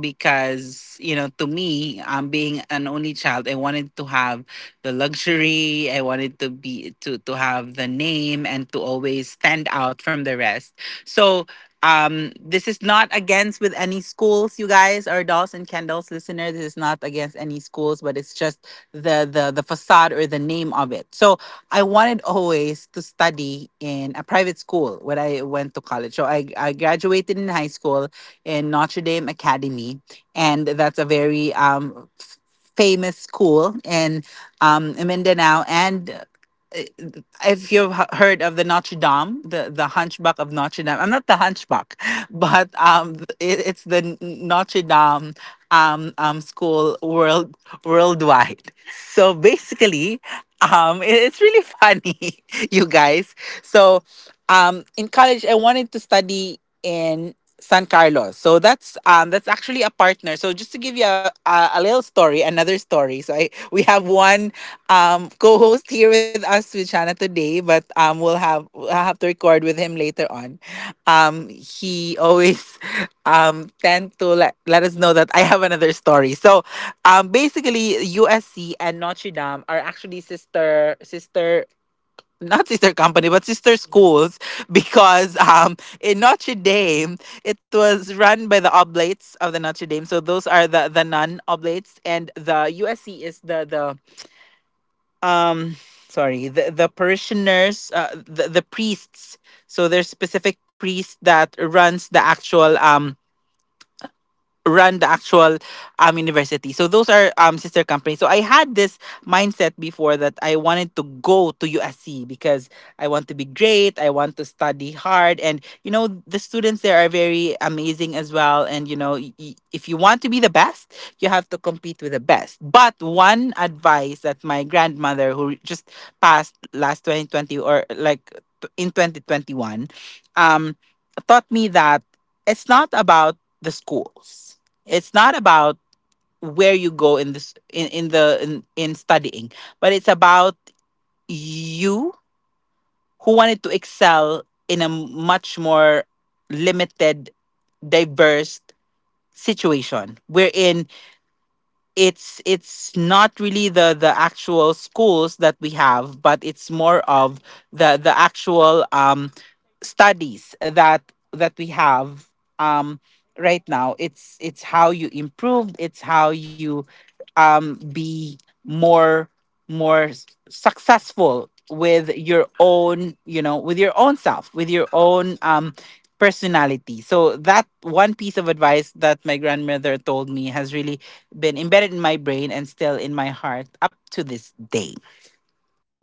[SPEAKER 2] because you know, to me, I'm being an only child, I wanted to have the luxury, I wanted to be to to have the name and to always stand out from the rest. So um this is not against with any schools, you guys, or dolls and candles listener. This is not against any schools, but it's just the the the facade or the name of it. So I wanted always to study in a private school. When I went to college, so i i graduated in high school in Notre Dame Academy, and that's a very um, f- famous school in um, Mindanao. And uh, if you've h- heard of the Notre Dame, the, the Hunchback of Notre Dame, I'm not the Hunchback, but um, it, it's the Notre Dame um, um, school world worldwide. So basically, um, it- it's really funny, you guys. So um, in college, I wanted to study in San Carlos. So that's um, that's actually a partner. So just to give you a, a a little story, another story. So I we have one um co-host here with us with Shana today, but um we'll have I'll have to record with him later on. Um he always um tend to let, let us know that I have another story. So um basically U S C and Notre Dame are actually sister sister not sister company, but sister schools because um in Notre Dame, it was run by the Oblates of the Notre Dame, so those are the the non Oblates, and the U S C is the the um sorry the the parishioners, uh, the, the priests. So there's specific priest that runs the actual um run the actual um university. So those are um sister companies. So I had this mindset before that I wanted to go to U S C because I want to be great, I want to study hard, and you know the students there are very amazing as well, and you know y- y- if you want to be the best, you have to compete with the best. But one advice that my grandmother, who just passed last twenty twenty, or like t- in twenty twenty-one, um taught me that it's not about the schools. It's not about where you go in this in, in the in, in studying, but it's about you, who wanted to excel in a much more limited, diverse situation. Wherein it's it's not really the the actual schools that we have, but it's more of the the actual um studies that that we have um right now. It's it's how you improve, it's how you um be more more s- successful with your own, you know, with your own self, with your own um personality. So that one piece of advice that my grandmother told me has really been embedded in my brain and still in my heart up to this day.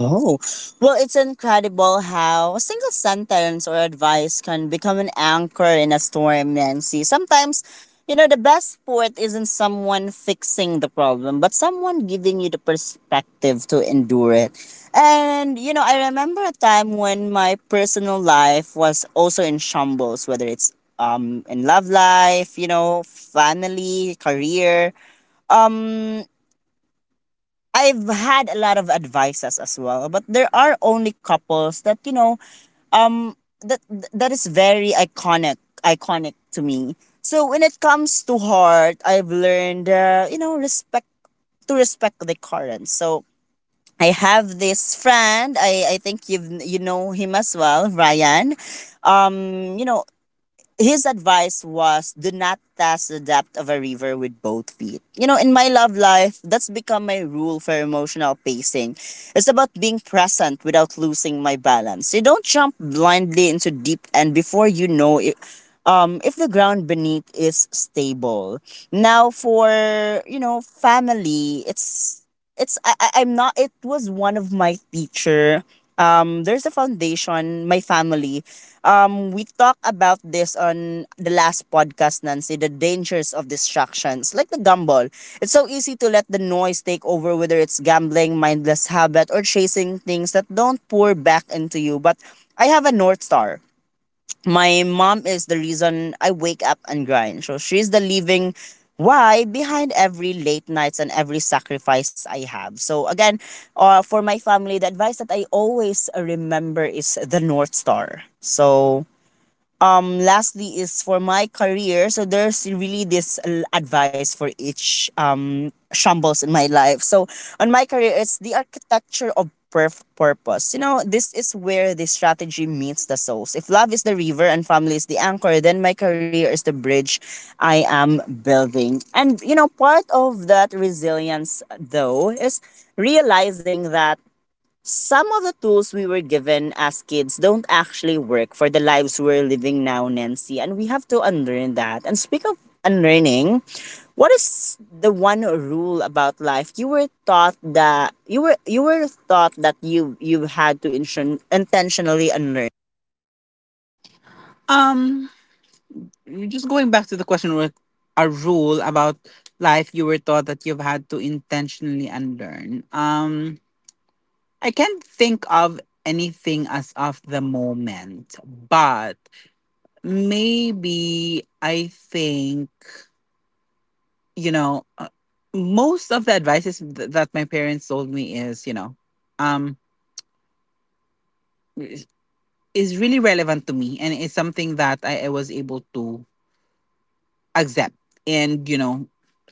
[SPEAKER 1] Oh, well, it's incredible how a single sentence or advice can become an anchor in a storm, Nancy. Sometimes, you know, the best sport isn't someone fixing the problem, but someone giving you the perspective to endure it. And, you know, I remember a time when my personal life was also in shambles, whether it's um in love life, you know, family, career. Um, I've had a lot of advices as well, but there are only couples that you know um that that is very iconic iconic to me. So when it comes to heart, I've learned, uh, you know, respect to respect the current. So I have this friend. I I think you you know him as well, Ryan. Um, you know, his advice was do not test the depth of a river with both feet. You know, in my love life, that's become my rule for emotional pacing. It's about being present without losing my balance. You don't jump blindly into deep end before you know it, um, if the ground beneath is stable. Now for, you know, family, it's it's I, I I'm not, it was one of my teacher, um, there's a foundation, my family, um, we talked about this on the last podcast, Nancy, the dangers of distractions, like the gumball. It's so easy to let the noise take over, whether it's gambling, mindless habit, or chasing things that don't pour back into you. But I have a North Star. My mom is the reason I wake up and grind. So she's the living why behind every late nights and every sacrifice I have. So again, uh, for my family, the advice that I always remember is the North Star. So um, lastly is for my career. So there's really this l- advice for each um shambles in my life. So on my career it's the architecture of perf- purpose. You know, this is where the strategy meets the souls. If love is the river and family is the anchor, then my career is the bridge i am building. And you know part of that resilience though is realizing that some of the tools we were given as kids don't actually work for the lives we're living now, Nancy, and we have to unlearn that. And speak of unlearning, what is the one rule about life you were taught that you were you were taught that you you had to intion, intentionally unlearn?
[SPEAKER 2] Um, just going back to the question with a rule about life you were taught that you've had to intentionally unlearn. Um, I can't think of anything as of the moment, but maybe I think you know uh, most of the advices th- that my parents told me is, you know, um is really relevant to me, and it's something that I, I was able to accept. And, you know,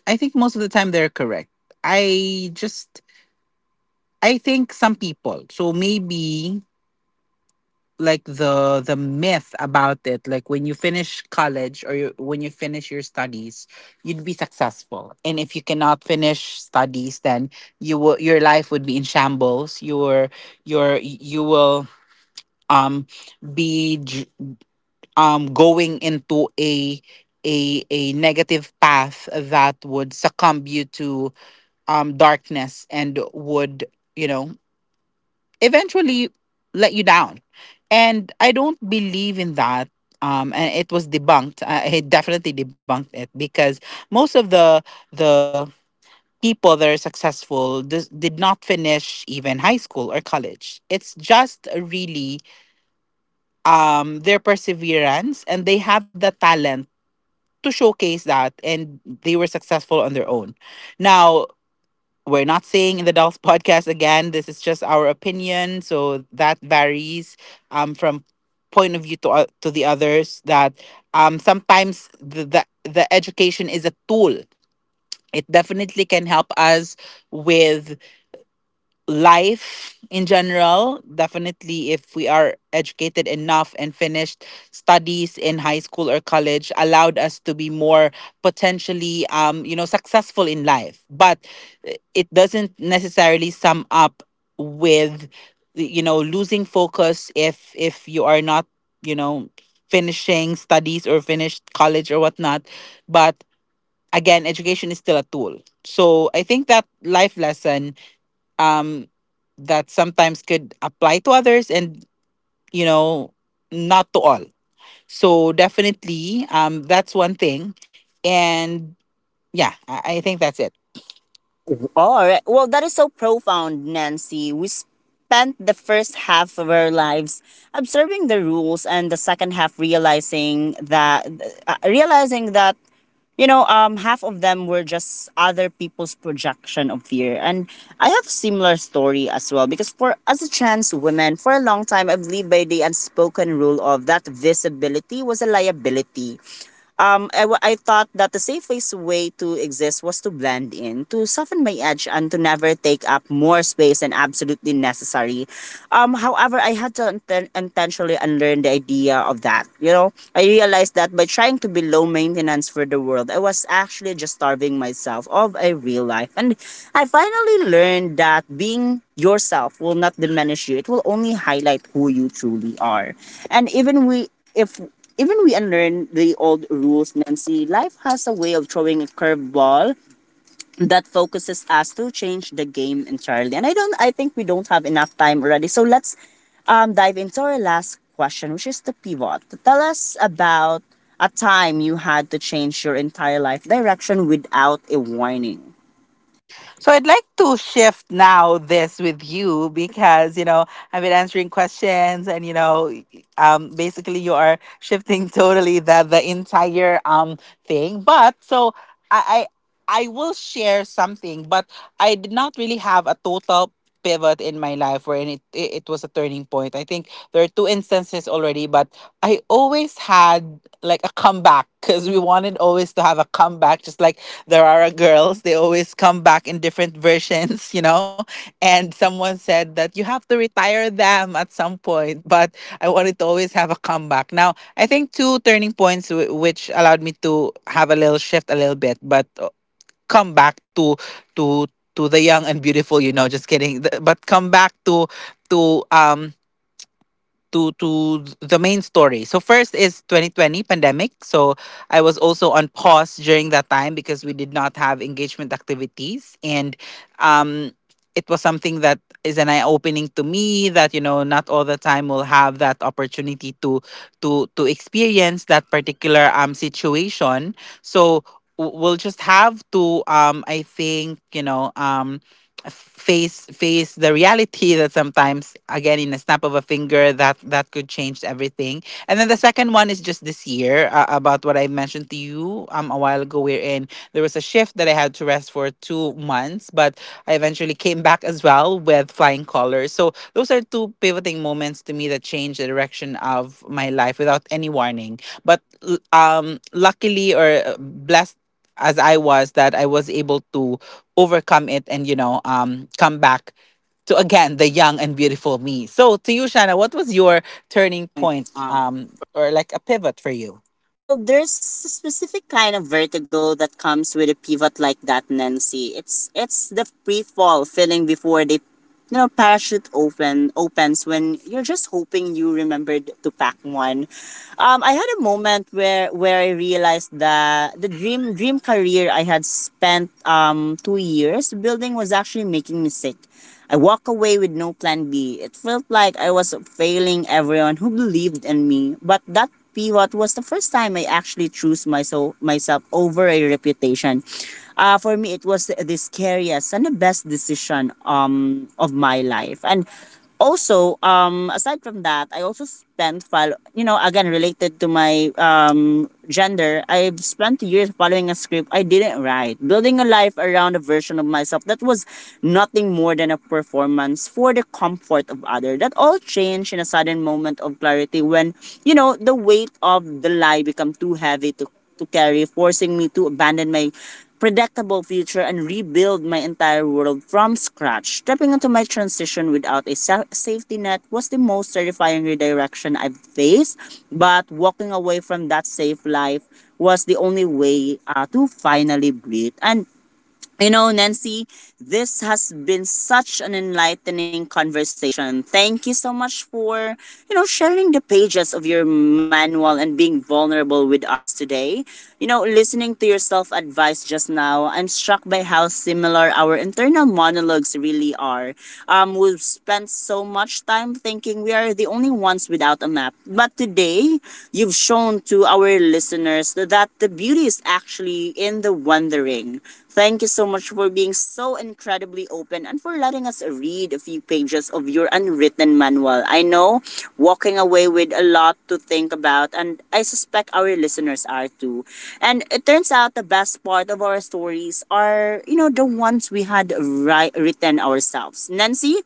[SPEAKER 2] I think most of the time they're correct. I just I think some people, so maybe like the the myth about it, like when you finish college, or you, when you finish your studies, you'd be successful. And if you cannot finish studies, then you will your life would be in shambles. Your your you will um be dr- um going into a a a negative path that would succumb you to um darkness, and would, you know, eventually let you down. And I don't believe in that, um and it was debunked. i, I definitely debunked it because most of the the people that are successful dis- did not finish even high school or college. It's just really um their perseverance, and they have the talent to showcase that, and they were successful on their own. Now, we're not saying, in the Dolls podcast, again, this is just our opinion, so that varies um from point of view to o- to the others, that um sometimes the the, the education is a tool. It definitely can help us with life in general. Definitely if we are educated enough and finished studies in high school or college, allowed us to be more potentially, um you know, successful in life, but uh, it doesn't necessarily sum up with, you know, losing focus if if you are not, you know, finishing studies or finished college or whatnot. But again, education is still a tool. So I think that life lesson um that sometimes could apply to others and, you know, not to all. So definitely um that's one thing. And yeah, i, I think that's it.
[SPEAKER 1] All right. Well, that is so profound, Nancy. We spent the first half of our lives observing the rules, and the second half realizing that uh, realizing that you know, um, half of them were just other people's projection of fear. And I have a similar story as well because for as a trans woman, for a long time I've lived by the unspoken rule of that visibility was a liability. Um, I, w- I thought that the safest way to exist was to blend in, to soften my edge, and to never take up more space than absolutely necessary. Um, however, I had to inten- intentionally unlearn the idea of that. You know, I realized that by trying to be low maintenance for the world, I was actually just starving myself of a real life. And I finally learned that being yourself will not diminish you; it will only highlight who you truly are. And even we if even we unlearn the old rules, Nancy, life has a way of throwing a curveball that focuses us to change the game entirely. And I don't I think we don't have enough time already. So let's um, dive into our last question, which is the pivot. Tell us about a time you had to change your entire life direction without a warning.
[SPEAKER 2] So I'd like to shift now this with you, because, you know, I've been answering questions, and, you know, um, basically you are shifting totally the, the entire um, thing. But so I, I, I will share something, but I did not really have a total pivot in my life wherein it, it, it was a turning point. I think there are two instances already, but I always had like a comeback because we wanted always to have a comeback, just like there are girls, they always come back in different versions, you know. And someone said that you have to retire them at some point, but I wanted to always have a comeback. Now I think two turning points, w- which allowed me to have a little shift a little bit, but uh, come back to to to the young and beautiful, you know, just kidding. Th- but come back to to um to to the main story. So first is twenty twenty pandemic. So I was also on pause during that time because we did not have engagement activities, and um it was something that is an eye opening to me, that you know not all the time will have that opportunity to to to experience that particular um situation. So w- we'll just have to um I think you know um face face the reality that sometimes again, in a snap of a finger, that that could change everything. And then the second one is just this year, uh, about what I mentioned to you um a while ago, wherein there was a shift that I had to rest for two months, but I eventually came back as well with flying colors. So those are two pivoting moments to me that changed the direction of my life without any warning, but l- um luckily or uh, blessed as I was, that I was able to overcome it and, you know, um come back to, again, the young and beautiful me. So to you, shanna, what was your
[SPEAKER 1] Turning
[SPEAKER 2] turning
[SPEAKER 1] point.
[SPEAKER 2] point, um or like a pivot for you?
[SPEAKER 1] Well, there's a specific kind of vertigo that comes with a pivot like that, Nancy. It's it's the free fall feeling before the you know parachute open opens when you're just hoping you remembered to pack one. Um, I had a moment where where I realized that the dream dream career I had spent um two years building was actually making me sick. I walked away with no plan B. It felt like I was failing everyone who believed in me, but that pivot was the first time I actually chose myself myself over a reputation. Uh, for me, it was the scariest and the best decision um, of my life. And also um aside from that, I also spent follow you know again, related to my um gender, I've spent years following a script I didn't write, building a life around a version of myself that was nothing more than a performance for the comfort of others. That all changed in a sudden moment of clarity when you know the weight of the lie become too heavy to to carry, forcing me to abandon my predictable future and rebuild my entire world from scratch. Stepping into my transition without a sa- safety net was the most terrifying redirection I've faced, but walking away from that safe life was the only way uh, to finally breathe. And you know, Nancy, this has been such an enlightening conversation. Thank you so much for, you know, sharing the pages of your manual and being vulnerable with us today. You know, listening to your self advice just now, I'm struck by how similar our internal monologues really are. Um, we've spent so much time thinking we are the only ones without a map. But today, you've shown to our listeners that the beauty is actually in the wondering. Thank you so much for being so incredibly open and for letting us read a few pages of your unwritten manual. I know walking away with a lot to think about, and I suspect our listeners are too. And it turns out the best part of our stories are, you know, the ones we had ri- written ourselves. Nancy,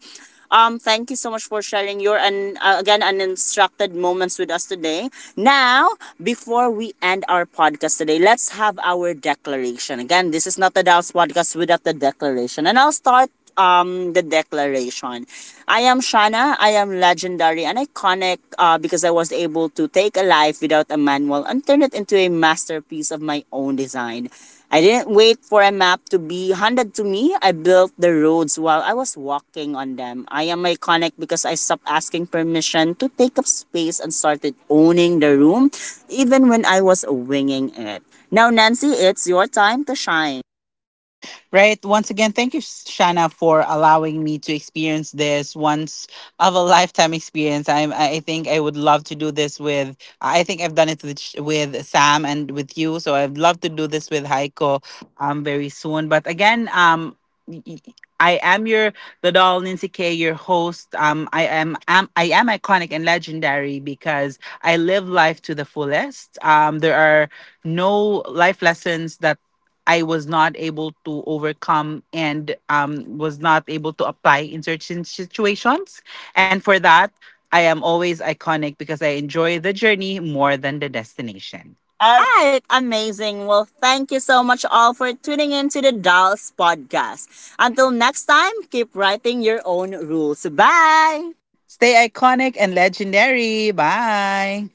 [SPEAKER 1] um, thank you so much for sharing your and uh, again, uninstructed moments with us today. Now, before we end our podcast today, let's have our declaration. Again, this is not the Dallas podcast without the declaration, and I'll start um the declaration. I am Shana. I am legendary and iconic uh, because I was able to take a life without a manual and turn it into a masterpiece of my own design. I didn't wait for a map to be handed to me. I built the roads while I was walking on them. I am iconic because I stopped asking permission to take up space and started owning the room even when I was winging it. Now, Nancy, it's your time to shine.
[SPEAKER 2] Right. Once again, thank you, Shana, for allowing me to experience this once of a lifetime experience. I'm, I I think I would love to do this with, I think I've done it with, Sh- with Sam and with you. So I'd love to do this with Heiko um, very soon. But again, um, y- y- I am your the doll Nancy K, your host. Um, I am, am I am iconic and legendary because I live life to the fullest. Um, there are no life lessons that I was not able to overcome, and um, was not able to apply in certain situations. And for that, I am always iconic because I enjoy the journey more than the destination.
[SPEAKER 1] All
[SPEAKER 2] All right.
[SPEAKER 1] right, amazing. Well, thank you so much all for tuning in to the Dolls Podcast. Until next time, keep writing your own rules. Bye!
[SPEAKER 2] Stay iconic and legendary. Bye.